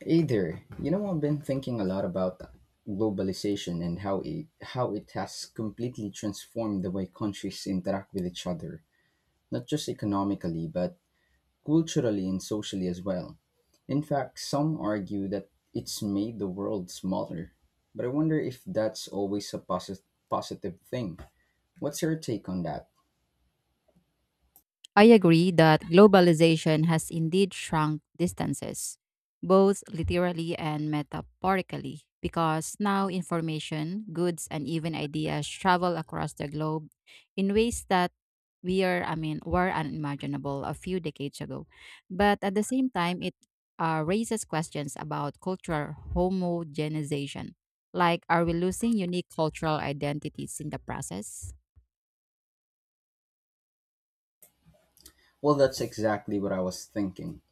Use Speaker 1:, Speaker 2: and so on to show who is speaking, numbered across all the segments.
Speaker 1: Hey there. You know, I've been thinking a lot about globalization and how it has completely transformed the way countries interact with each other, not just economically, but culturally and socially as well. In fact, some argue that it's made the world smaller, but I wonder if that's always a positive thing. What's your take on that?
Speaker 2: I agree that globalization has indeed shrunk distances, both literally and metaphorically, because now information, goods, and even ideas travel across the globe in ways that we are, I mean, were unimaginable a few decades ago. But at the same time, it raises questions about cultural homogenization. Like, are we losing unique cultural identities in the process?
Speaker 1: Well, that's exactly what I was thinking.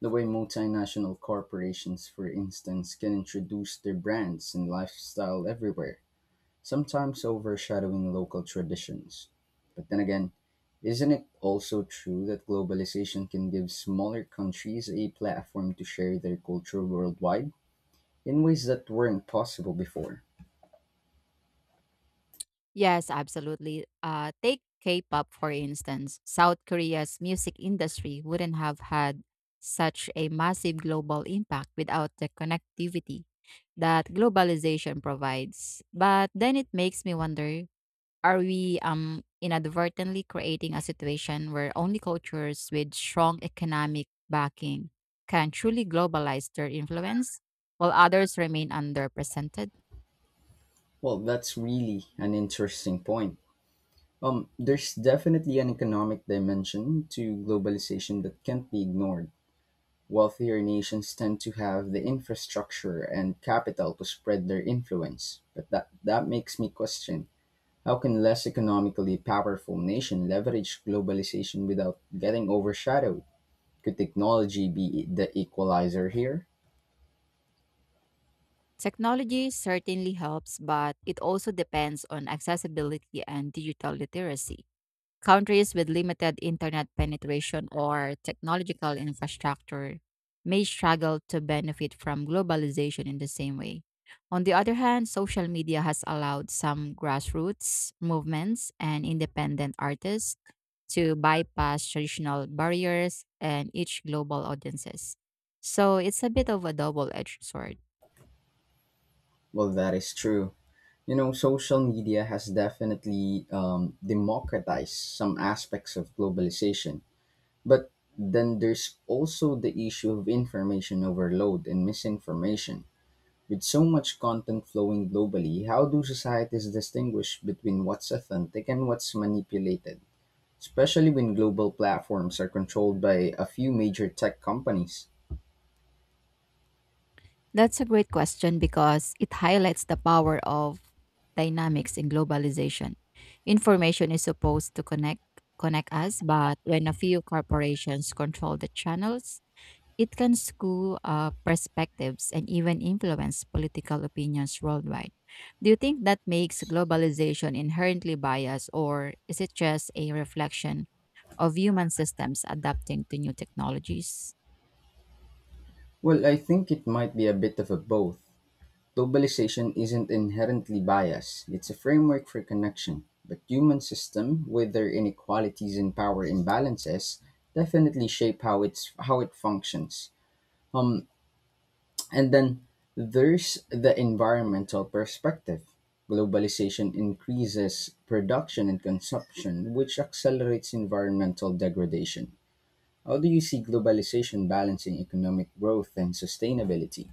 Speaker 1: The way multinational corporations, for instance, can introduce their brands and lifestyle everywhere, sometimes overshadowing local traditions. But then again, isn't it also true that globalization can give smaller countries a platform to share their culture worldwide in ways that weren't possible before?
Speaker 2: Yes, absolutely. Take K-pop for instance. South Korea's music industry wouldn't have had such a massive global impact without the connectivity that globalization provides. But then it makes me wonder: are we inadvertently creating a situation where only cultures with strong economic backing can truly globalize their influence, while others remain underrepresented?
Speaker 1: Well, that's really an interesting point. There's definitely an economic dimension to globalization that can't be ignored. Wealthier nations tend to have the infrastructure and capital to spread their influence, but that makes me question, how can less economically powerful nation leverage globalization without getting overshadowed? Could technology be the equalizer here?
Speaker 2: Technology certainly helps, but it also depends on accessibility and digital literacy. Countries with limited internet penetration or technological infrastructure may struggle to benefit from globalization in the same way. On the other hand, social media has allowed some grassroots movements and independent artists to bypass traditional barriers and reach global audiences. So it's a bit of a double edged sword.
Speaker 1: Well, that is true. You know, social media has definitely democratized some aspects of globalization, but then there's also the issue of information overload and misinformation. With so much content flowing globally, how do societies distinguish between what's authentic and what's manipulated? Especially when global platforms are controlled by a few major tech companies.
Speaker 2: That's a great question because it highlights the power of dynamics in globalization. Information is supposed to connect us, but when a few corporations control the channels, it can skew perspectives and even influence political opinions worldwide. Do you think that makes globalization inherently biased, or is it just a reflection of human systems adapting to new technologies?
Speaker 1: Well, I think it might be a bit of a both. Globalization isn't inherently biased, it's a framework for connection. But human system, with their inequalities and power imbalances, definitely shape how it functions. And then there's the environmental perspective. Globalization increases production and consumption, which accelerates environmental degradation. How do you see globalization balancing economic growth and sustainability?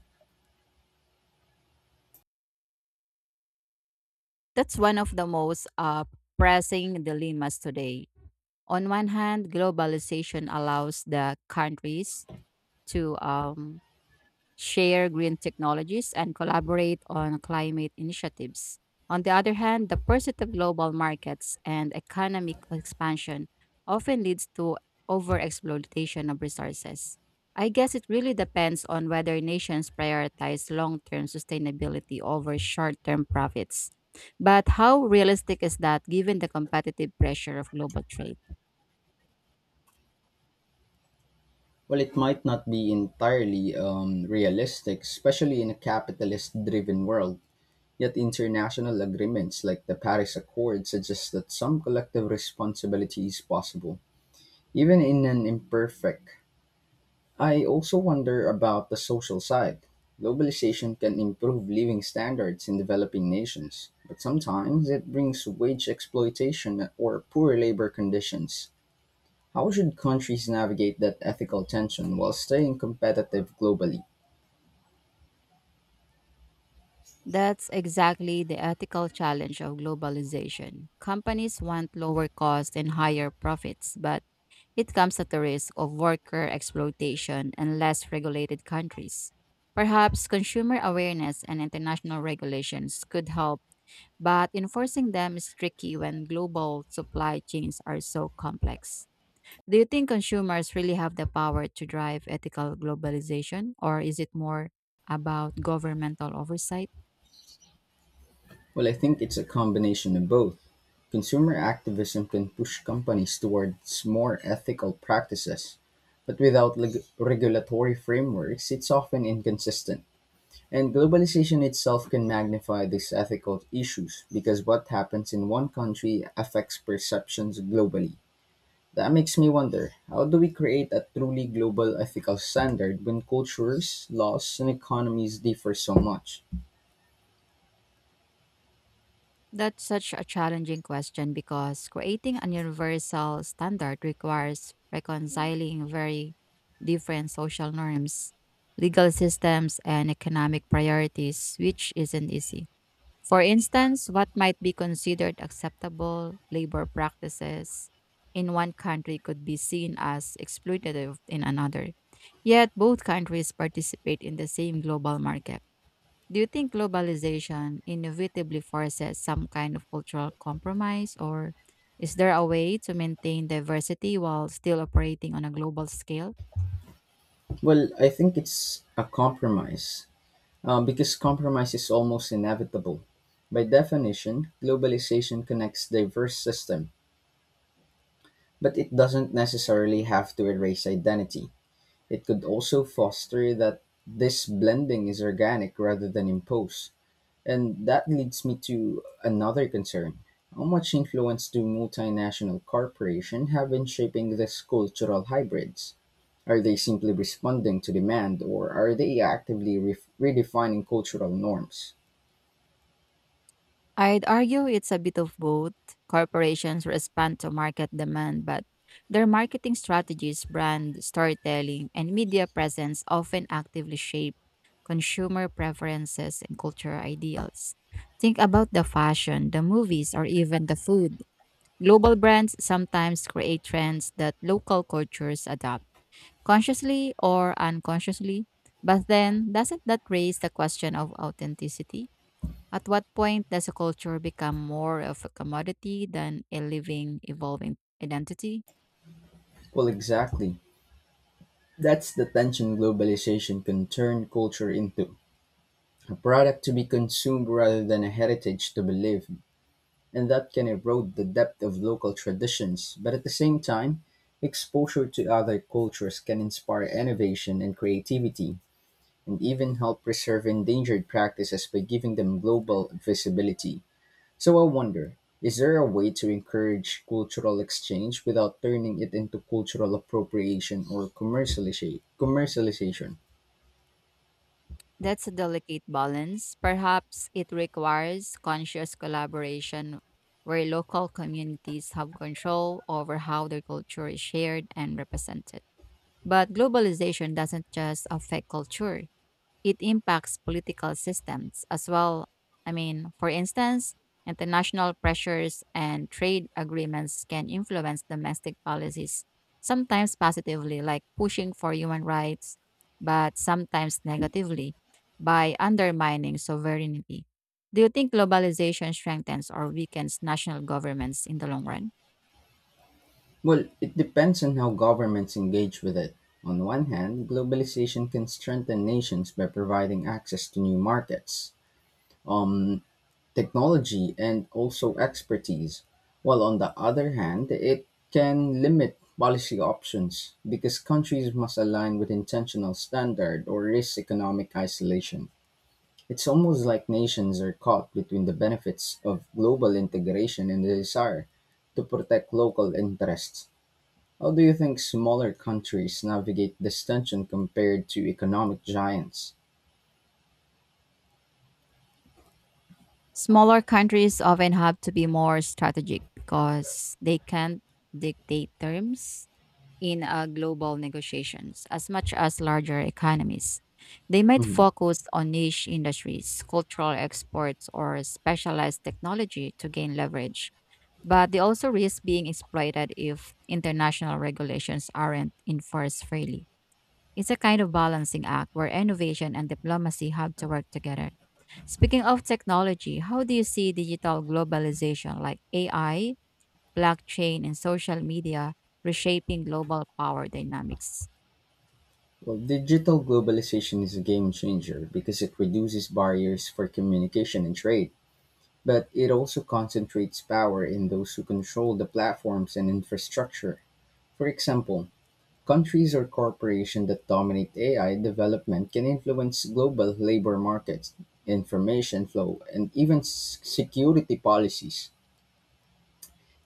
Speaker 2: That's one of the most pressing dilemmas today. On one hand, globalization allows the countries to share green technologies, and collaborate on climate initiatives. On the other hand, the pursuit of global markets and economic expansion often leads to overexploitation of resources. I guess it really depends on whether nations prioritize long term sustainability over short term profits. But how realistic is that given the competitive pressure of global trade?
Speaker 1: Well, it might not be entirely realistic, especially in a capitalist driven world. Yet, international agreements like the Paris Accord suggest that some collective responsibility is possible, even in an imperfect. I also wonder about the social side. Globalization can improve living standards in developing nations, but sometimes it brings wage exploitation or poor labor conditions. How should countries navigate that ethical tension while staying competitive globally?
Speaker 2: That's exactly the ethical challenge of globalization. Companies want lower costs and higher profits, but it comes at the risk of worker exploitation in less regulated countries. Perhaps consumer awareness and international regulations could help, but enforcing them is tricky when global supply chains are so complex. Do you think consumers really have the power to drive ethical globalization, or is it more about governmental oversight?
Speaker 1: Well, I think it's a combination of both. Consumer activism can push companies towards more ethical practices, but without regulatory frameworks, it's often inconsistent. And globalization itself can magnify these ethical issues because what happens in one country affects perceptions globally. That makes me wonder, how do we create a truly global ethical standard when cultures, laws, and economies differ so much?
Speaker 2: That's such a challenging question because creating an universal standard requires reconciling very different social norms, legal systems, and economic priorities, which isn't easy. For instance, what might be considered acceptable labor practices in one country could be seen as exploitative in another. Yet, both countries participate in the same global market. Do you think globalization inevitably forces some kind of cultural compromise, or is there a way to maintain diversity while still operating on a global scale?
Speaker 1: Well, I think it's a compromise because compromise is almost inevitable. By definition, globalization connects diverse systems, but it doesn't necessarily have to erase identity. It could also foster that this blending is organic rather than imposed. And that leads me to another concern. How much influence do multinational corporations have in shaping these cultural hybrids? Are they simply responding to demand, or are they actively redefining cultural norms?
Speaker 2: I'd argue it's a bit of both. Corporations respond to market demand, but their marketing strategies, brand storytelling, and media presence often actively shape consumer preferences and cultural ideals. Think about the fashion, the movies, or even the food. Global brands sometimes create trends that local cultures adopt, consciously or unconsciously. But then, doesn't that raise the question of authenticity? At what point does a culture become more of a commodity than a living, evolving identity?
Speaker 1: Well, exactly. That's the tension. Globalization can turn culture into a product to be consumed rather than a heritage to be lived, and that can erode the depth of local traditions. But at the same time, exposure to other cultures can inspire innovation and creativity, and even help preserve endangered practices by giving them global visibility. So I wonder, is there a way to encourage cultural exchange without turning it into cultural appropriation or commercialization?
Speaker 2: That's a delicate balance. Perhaps it requires conscious collaboration where local communities have control over how their culture is shared and represented. But globalization doesn't just affect culture, it impacts political systems as well. I mean, for instance, international pressures and trade agreements can influence domestic policies, sometimes positively, like pushing for human rights, but sometimes negatively, by undermining sovereignty. Do you think globalization strengthens or weakens national governments in the long run?
Speaker 1: Well, it depends on how governments engage with it. On one hand, globalization can strengthen nations by providing access to new markets, um, technology, and also expertise. While on the other hand, it can limit policy options because countries must align with intentional standard or risk economic isolation. It's almost like nations are caught between the benefits of global integration and the desire to protect local interests. How do you think smaller countries navigate this tension compared to economic giants?
Speaker 2: Smaller countries often have to be more strategic because they can't dictate terms in global negotiations as much as larger economies. They might
Speaker 1: Mhm.
Speaker 2: focus on niche industries, cultural exports, or specialized technology to gain leverage, but they also risk being exploited if international regulations aren't enforced freely. It's a kind of balancing act where innovation and diplomacy have to work together. Speaking of technology, how do you see digital globalization like AI, blockchain, and social media reshaping global power dynamics?
Speaker 1: Well, digital globalization is a game changer because it reduces barriers for communication and trade, but it also concentrates power in those who control the platforms and infrastructure. For example, countries or corporations that dominate AI development can influence global labor markets, information flow, and even security policies.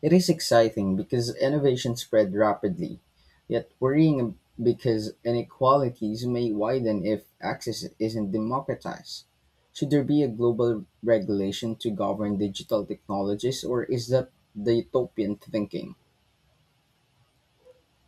Speaker 1: It is exciting because innovation spread rapidly, yet worrying because inequalities may widen if access isn't democratized. Should there be a global regulation to govern digital technologies, or is that the utopian thinking?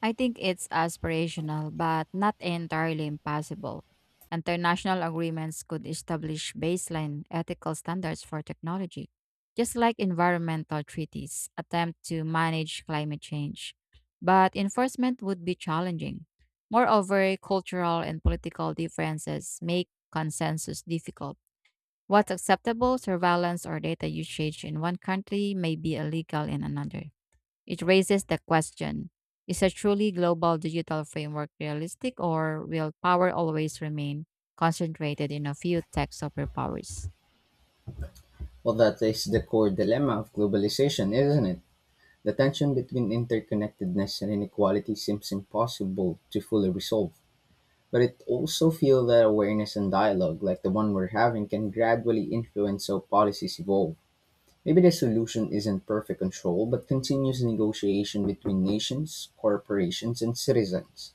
Speaker 2: I think it's aspirational, but not entirely impossible. International agreements could establish baseline ethical standards for technology, just like environmental treaties attempt to manage climate change. But enforcement would be challenging. Moreover, cultural and political differences make consensus difficult. What's acceptable surveillance or data usage in one country may be illegal in another. It raises the question: is a truly global digital framework realistic, or will power always remain concentrated in a few tech superpowers?
Speaker 1: Well, that is the core dilemma of globalization, isn't it? The tension between interconnectedness and inequality seems impossible to fully resolve, but it also feel that awareness and dialogue like the one we're having can gradually influence how policies evolve. Maybe the solution isn't perfect control, but continuous negotiation between nations, corporations, and citizens.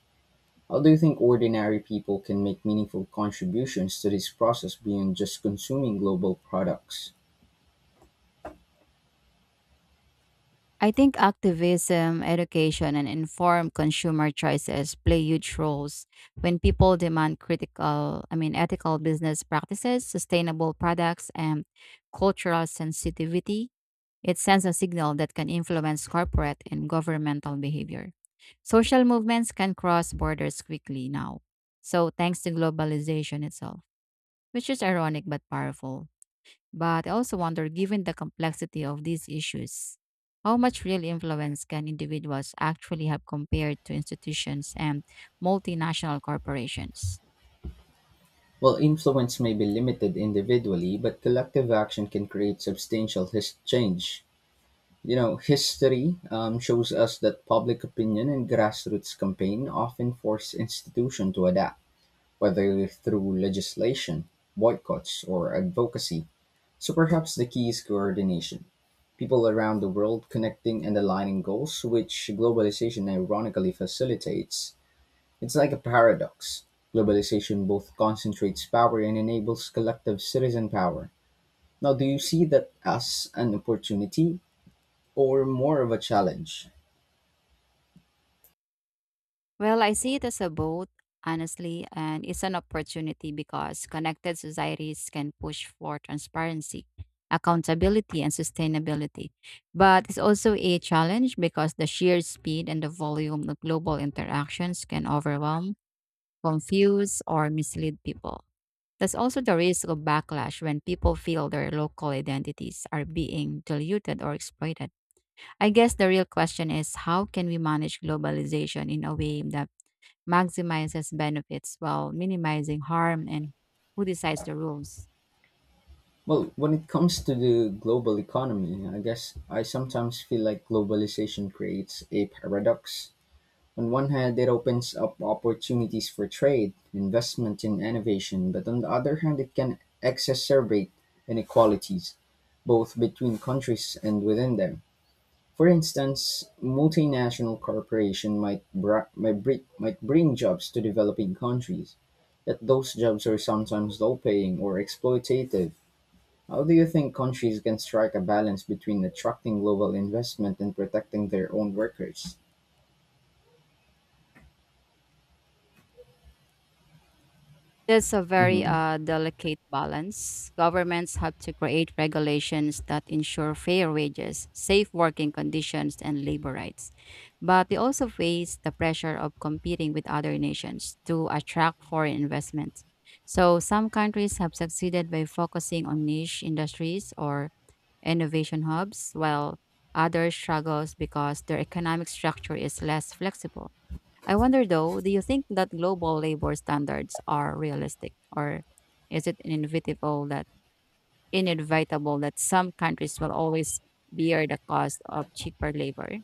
Speaker 1: How do you think ordinary people can make meaningful contributions to this process beyond just consuming global products?
Speaker 2: I think activism, education, and informed consumer choices play huge roles. When people demand ethical business practices, sustainable products, and cultural sensitivity, it sends a signal that can influence corporate and governmental behavior. Social movements can cross borders quickly now. So, thanks to globalization itself, which is ironic but powerful. But I also wonder, given the complexity of these issues, how much real influence can individuals actually have compared to institutions and multinational corporations?
Speaker 1: While influence may be limited individually, but collective action can create substantial change. You know, history shows us that public opinion and grassroots campaign often force institutions to adapt, whether through legislation, boycotts, or advocacy. So perhaps the key is coordination. People around the world connecting and aligning goals, which globalization ironically facilitates. It's like a paradox. Globalization both concentrates power and enables collective citizen power. Now, do you see that as an opportunity or more of a challenge?
Speaker 2: Well, I see it as a both, honestly, and it's an opportunity because connected societies can push for transparency, accountability, and sustainability. But it's also a challenge because the sheer speed and the volume of global interactions can overwhelm, confuse, or mislead people. There's also the risk of backlash when people feel their local identities are being diluted or exploited. I guess the real question is how can we manage globalization in a way that maximizes benefits while minimizing harm, and who decides the rules?
Speaker 1: Well, when it comes to the global economy, I guess I sometimes feel like globalization creates a paradox. On one hand, it opens up opportunities for trade, investment, and innovation, but on the other hand, it can exacerbate inequalities, both between countries and within them. For instance, multinational corporation might bring jobs to developing countries, yet those jobs are sometimes low-paying or exploitative. How do you think countries can strike a balance between attracting global investment and protecting their own workers?
Speaker 2: It's a very
Speaker 1: Hmm.
Speaker 2: delicate balance. Governments have to create regulations that ensure fair wages, safe working conditions, and labor rights. But they also face the pressure of competing with other nations to attract foreign investment. So some countries have succeeded by focusing on niche industries or innovation hubs, while others struggles because their economic structure is less flexible. I wonder though, do you think that global labor standards are realistic or is it inevitable that some countries will always bear the cost of cheaper labor?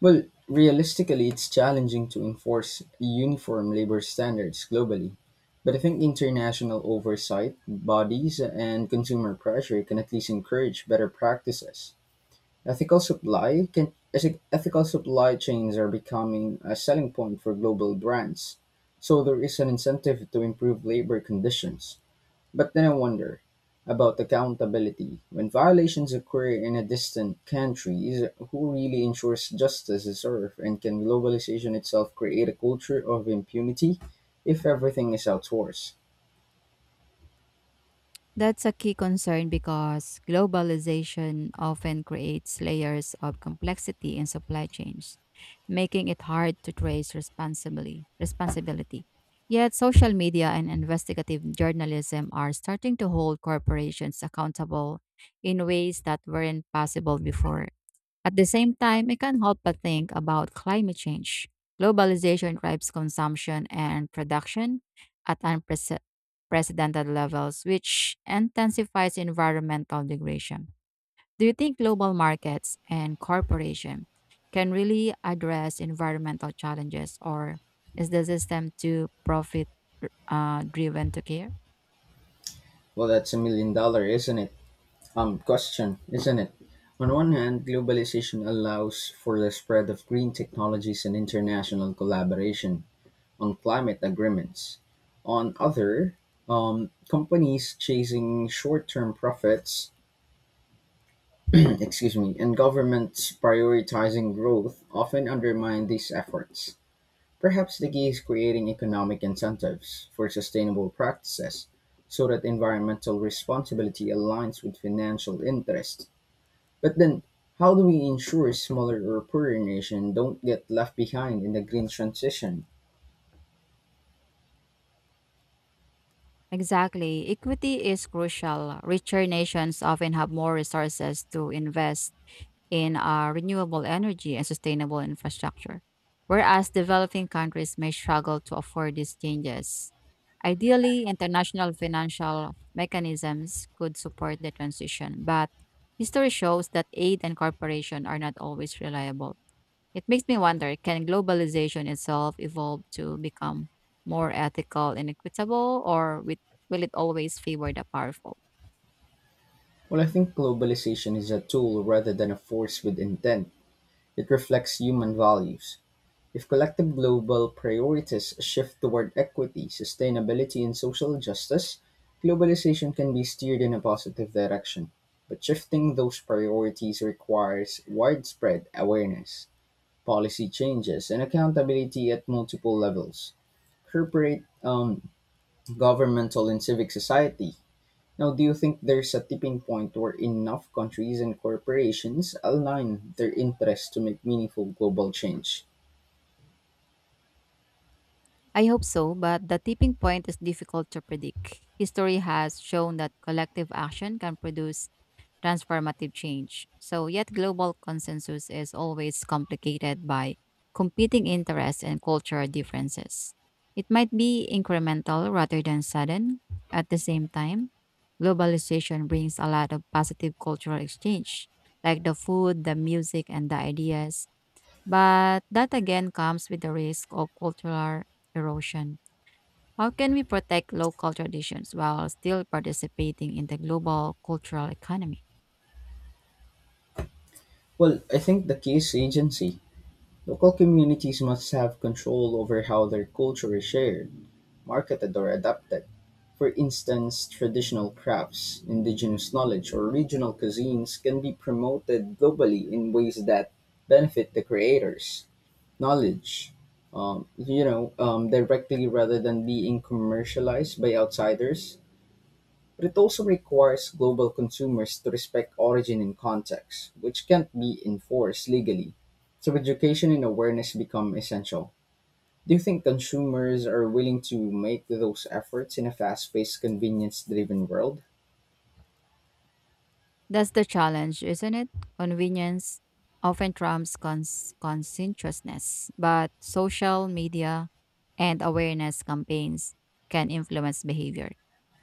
Speaker 1: Well, realistically, it's challenging to enforce uniform labor standards globally. But I think international oversight, bodies, and consumer pressure can at least encourage better practices. Ethical supply chains are becoming a selling point for global brands, so there is an incentive to improve labor conditions. But then I wonder about accountability. When violations occur in a distant country, who really ensures justice is served? And can globalization itself create a culture of impunity if everything is outsourced?
Speaker 2: That's a key concern because globalization often creates layers of complexity in supply chains, making it hard to responsibility. Yet social media and investigative journalism are starting to hold corporations accountable in ways that weren't possible before. At the same time, I can't help but think about climate change. Globalization drives consumption and production at unprecedented levels, which intensifies environmental degradation. Do you think global markets and corporations can really address environmental challenges, or is the system too profit driven to care?
Speaker 1: Well, that's a million dollar, isn't it? Question, isn't it? On one hand, globalization allows for the spread of green technologies and international collaboration. On climate agreements. On other, companies chasing short-term profits, excuse me, and governments prioritizing growth often undermine these efforts. Perhaps the key is creating economic incentives for sustainable practices so that environmental responsibility aligns with financial interest. But then, how do we ensure smaller or poorer nations don't get left behind in the green transition?
Speaker 2: Exactly. Equity is crucial. Richer nations often have more resources to invest in renewable energy and sustainable infrastructure, whereas developing countries may struggle to afford these changes. Ideally, international financial mechanisms could support the transition, but history shows that aid and cooperation are not always reliable. It makes me wonder: can globalization itself evolve to become more ethical and equitable, or will it always favor the powerful?
Speaker 1: Well, I think globalization is a tool rather than a force with intent. It reflects human values. If collective global priorities shift toward equity, sustainability, and social justice, globalization can be steered in a positive direction. But shifting those priorities requires widespread awareness, policy changes, and accountability at multiple levels: corporate, governmental, and civic society. Now, do you think there's a tipping point where enough countries and corporations align their interests to make meaningful global change?
Speaker 2: I hope so, but the tipping point is difficult to predict. History has shown that collective action can produce transformative change. So, yet global consensus is always complicated by competing interests and cultural differences. It might be incremental rather than sudden. At the same time, globalization brings a lot of positive cultural exchange, like the food, the music, and the ideas. But that again comes with the risk of cultural erosion. How can we protect local traditions while still participating in the global cultural economy?
Speaker 1: Well, I think the key is agency. Local communities must have control over how their culture is shared, marketed, or adapted. For instance, traditional crafts, indigenous knowledge, or regional cuisines can be promoted globally in ways that benefit the creators. knowledge, you know, directly rather than being commercialized by outsiders. But it also requires global consumers to respect origin and context, which can't be enforced legally. So education and awareness become essential. Do you think consumers are willing to make those efforts in a fast-paced, convenience-driven world?
Speaker 2: That's the challenge, isn't it? Convenience often trumps conscientiousness, but social media and awareness campaigns can influence behavior.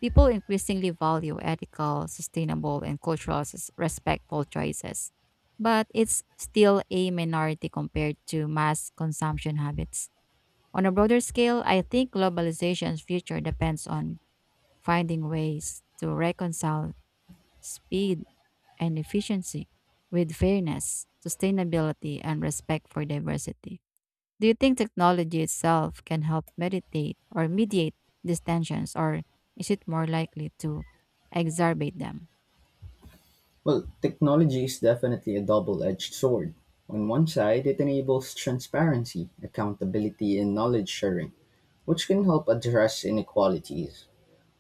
Speaker 2: People increasingly value ethical, sustainable, and cultural respectful choices, but it's still a minority compared to mass consumption habits. On a broader scale, I think globalization's future depends on finding ways to reconcile speed and efficiency with fairness, sustainability, and respect for diversity. Do you think technology itself can help meditate or mediate these tensions, or is it more likely to exacerbate them?
Speaker 1: Well, technology is definitely a double edged sword. On one side, it enables transparency, accountability, and knowledge sharing, which can help address inequalities.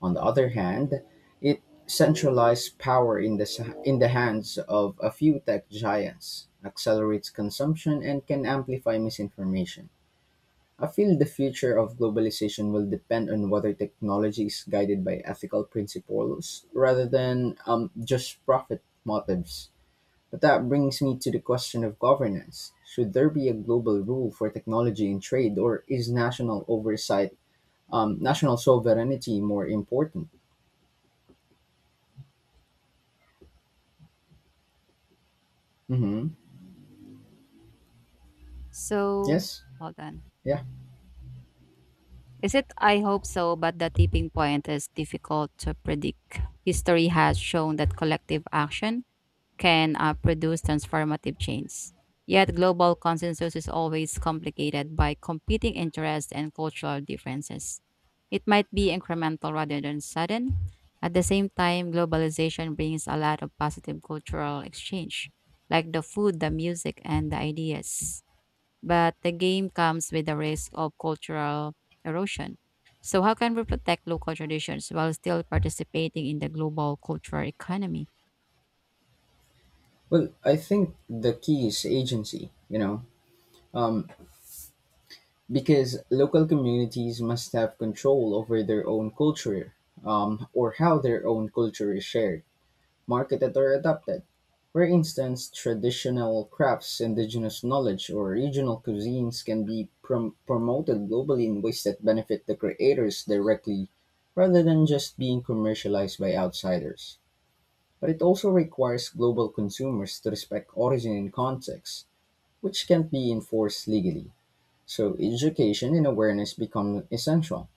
Speaker 1: On the other hand, it centralizes power in the hands of a few tech giants, accelerates consumption, and can amplify misinformation. I feel the future of globalization will depend on whether technology is guided by ethical principles rather than just profit motives. But that brings me to the question of governance. Should there be a global rule for technology and trade, or is national oversight, national sovereignty more important? Hmm.
Speaker 2: So,
Speaker 1: Yes.
Speaker 2: hold on.
Speaker 1: Yeah.
Speaker 2: Is it? I hope so, but the tipping point is difficult to predict. History has shown that collective action can produce transformative change. Yet, global consensus is always complicated by competing interests and cultural differences. It might be incremental rather than sudden. At the same time, globalization brings a lot of positive cultural exchange, like the food, the music, and the ideas. But the game comes with the risk of cultural erosion. So, how can we protect local traditions while still participating in the global cultural economy?
Speaker 1: Well, I think the key is agency, you know, um, because local communities must have control over their own culture, or how their own culture is shared, marketed or adapted. For instance, traditional crafts, indigenous knowledge, or regional cuisines can be promoted globally in ways that benefit the creators directly rather than just being commercialized by outsiders. But it also requires global consumers to respect origin and context, which can't be enforced legally. So education and awareness become essential.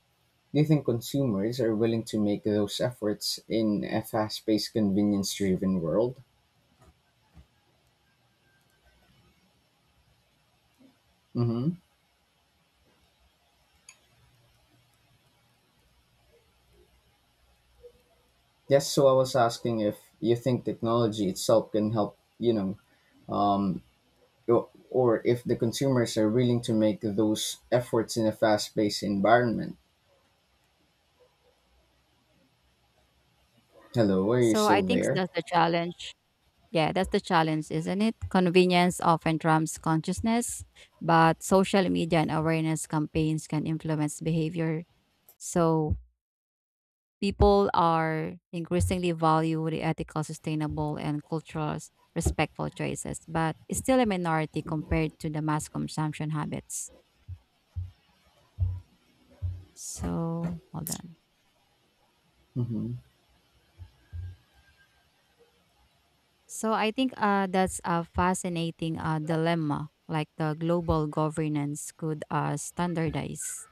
Speaker 1: Do you think consumers are willing to make those efforts in a fast-paced, convenience-driven world? Mm-hmm. Yes, so I was asking if you think technology itself can help, you know, um, or if the consumers are willing to make those efforts in a fast-paced environment. Hello, are you
Speaker 2: So
Speaker 1: still
Speaker 2: I think
Speaker 1: there?
Speaker 2: that's the challenge. Yeah, that's the challenge, isn't it? Convenience often trumps consciousness, but social media and awareness campaigns can influence behavior. So people are increasingly value the ethical, sustainable, and cultural respectful choices, but it's still a minority compared to the mass consumption habits. So hold on.
Speaker 1: Mm-hmm.
Speaker 2: So I think that's a fascinating dilemma. Like the global governance could standardize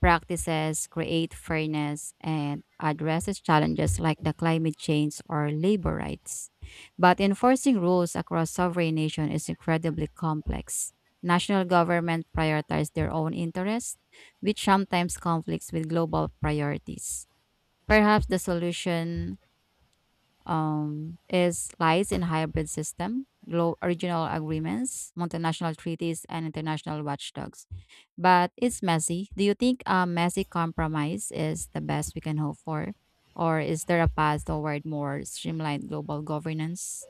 Speaker 2: practices, create fairness, and addresses challenges like the climate change or labor rights. But enforcing rules across sovereign nation is incredibly complex. National government prioritize their own interests, which sometimes conflicts with global priorities. Perhaps the solution is lies in hybrid system, low original agreements, multinational treaties, and international watchdogs. But it's messy. Do you think a messy compromise is the best we can hope for? Or is there a path toward more streamlined global governance?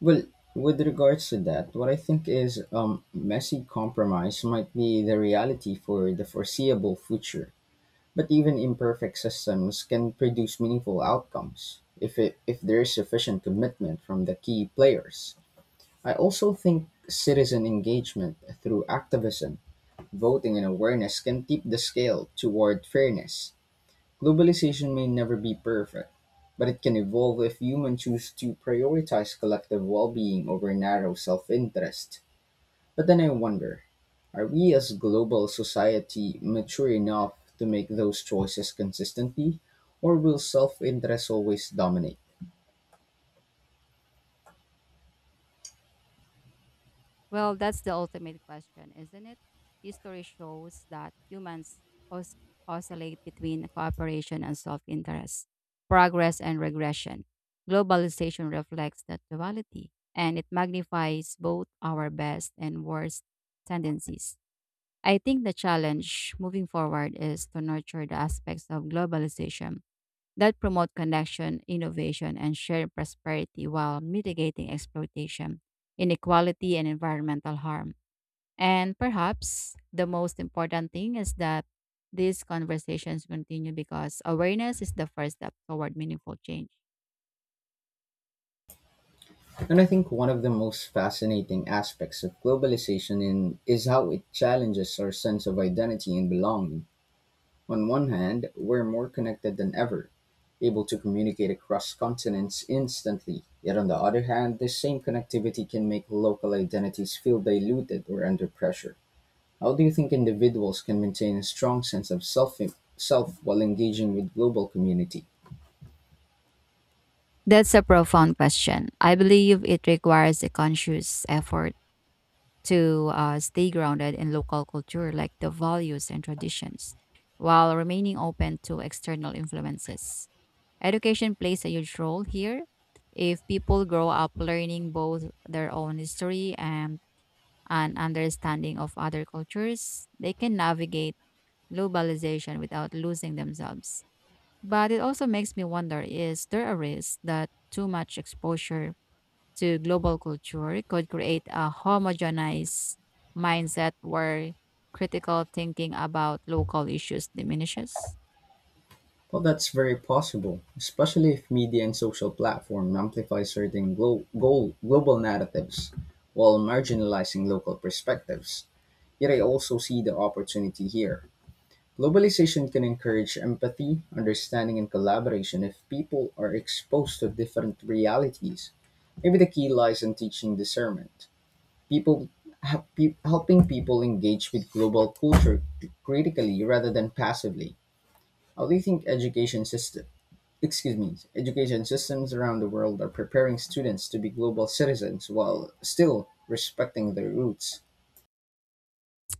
Speaker 1: Well, with regards to that, what I think is messy compromise might be the reality for the foreseeable future. But even imperfect systems can produce meaningful outcomes if there is sufficient commitment from the key players. I also think citizen engagement through activism, voting and awareness can tip the scale toward fairness. Globalization may never be perfect, but it can evolve if humans choose to prioritize collective well-being over narrow self-interest. But then I wonder, are we as global society mature enough to make those choices consistently, or will self-interest always dominate?
Speaker 2: Well, that's the ultimate question, isn't it? History shows that humans os- oscillate between cooperation and self interest, progress and regression. Globalization reflects that duality and it magnifies both our best and worst tendencies. I think the challenge moving forward is to nurture the aspects of globalization that promote connection, innovation, and shared prosperity while mitigating exploitation, inequality, and environmental harm. And perhaps the most important thing is that these conversations continue because awareness is the first step toward meaningful change.
Speaker 1: And I think one of the most fascinating aspects of is how it challenges our sense of identity and belonging. On one hand, we're more connected than ever, able to communicate across continents instantly. Yet on the other hand, this same connectivity can make local identities feel diluted or under pressure. How do you think individuals can maintain a strong sense of self while engaging with global community?
Speaker 2: That's a profound question. I believe it requires a conscious effort to stay grounded in local culture, like the values and traditions, while remaining open to external influences. Education plays a huge role here. If people grow up learning both their own history and an understanding of other cultures, they can navigate globalization without losing themselves. But it also makes me wonder: is there a risk that too much exposure to global culture could create a homogenized mindset where critical thinking about local issues diminishes?
Speaker 1: Well, that's very possible, especially if media and social platforms amplify certain global narratives while marginalizing local perspectives. Yet I also see the opportunity here. Globalization can encourage empathy, understanding, and collaboration if people are exposed to different realities. Maybe the key lies in teaching discernment. People helping people engage with global culture critically rather than passively. How do you think education system. Excuse me. Education systems around the world are preparing students to be global citizens while still respecting their roots.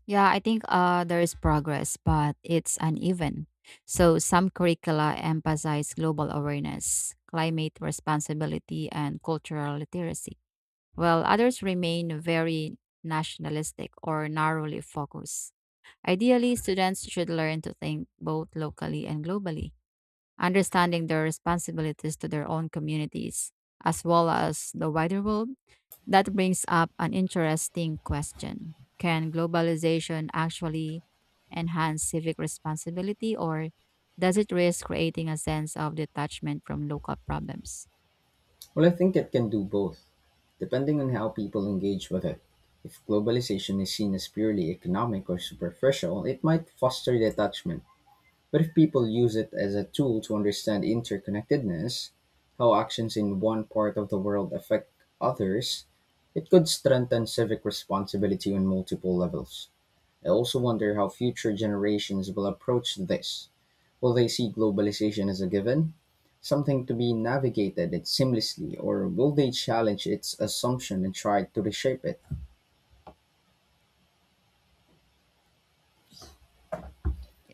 Speaker 2: Yeah, I think there is progress, but it's uneven. So, some curricula emphasize global awareness, climate responsibility, and cultural literacy, while others remain very nationalistic or narrowly focused. Ideally, students should learn to think both locally and globally, understanding their responsibilities to their own communities as well as the wider world. That brings up an interesting question. Can globalization actually enhance civic responsibility, or does it risk creating a sense of detachment from local problems?
Speaker 1: Well, I think it can do both, depending on how people engage with it. If globalization is seen as purely economic or superficial, it might foster detachment. But if people use it as a tool to understand interconnectedness, how actions in one part of the world affect others, it could strengthen civic responsibility on multiple levels. I also wonder how future generations will approach this. Will they see globalization as a given, something to be navigated it seamlessly, or will they challenge its assumption and try to reshape it?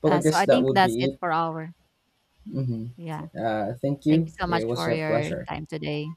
Speaker 1: Well, I
Speaker 2: So
Speaker 1: guess
Speaker 2: I
Speaker 1: that
Speaker 2: think
Speaker 1: would
Speaker 2: that's
Speaker 1: be
Speaker 2: it
Speaker 1: it.
Speaker 2: for our.
Speaker 1: Hmm.
Speaker 2: Yeah.
Speaker 1: Thank
Speaker 2: Thank
Speaker 1: you.
Speaker 2: you so
Speaker 1: It
Speaker 2: much
Speaker 1: was
Speaker 2: for
Speaker 1: a
Speaker 2: your
Speaker 1: pleasure.
Speaker 2: time today.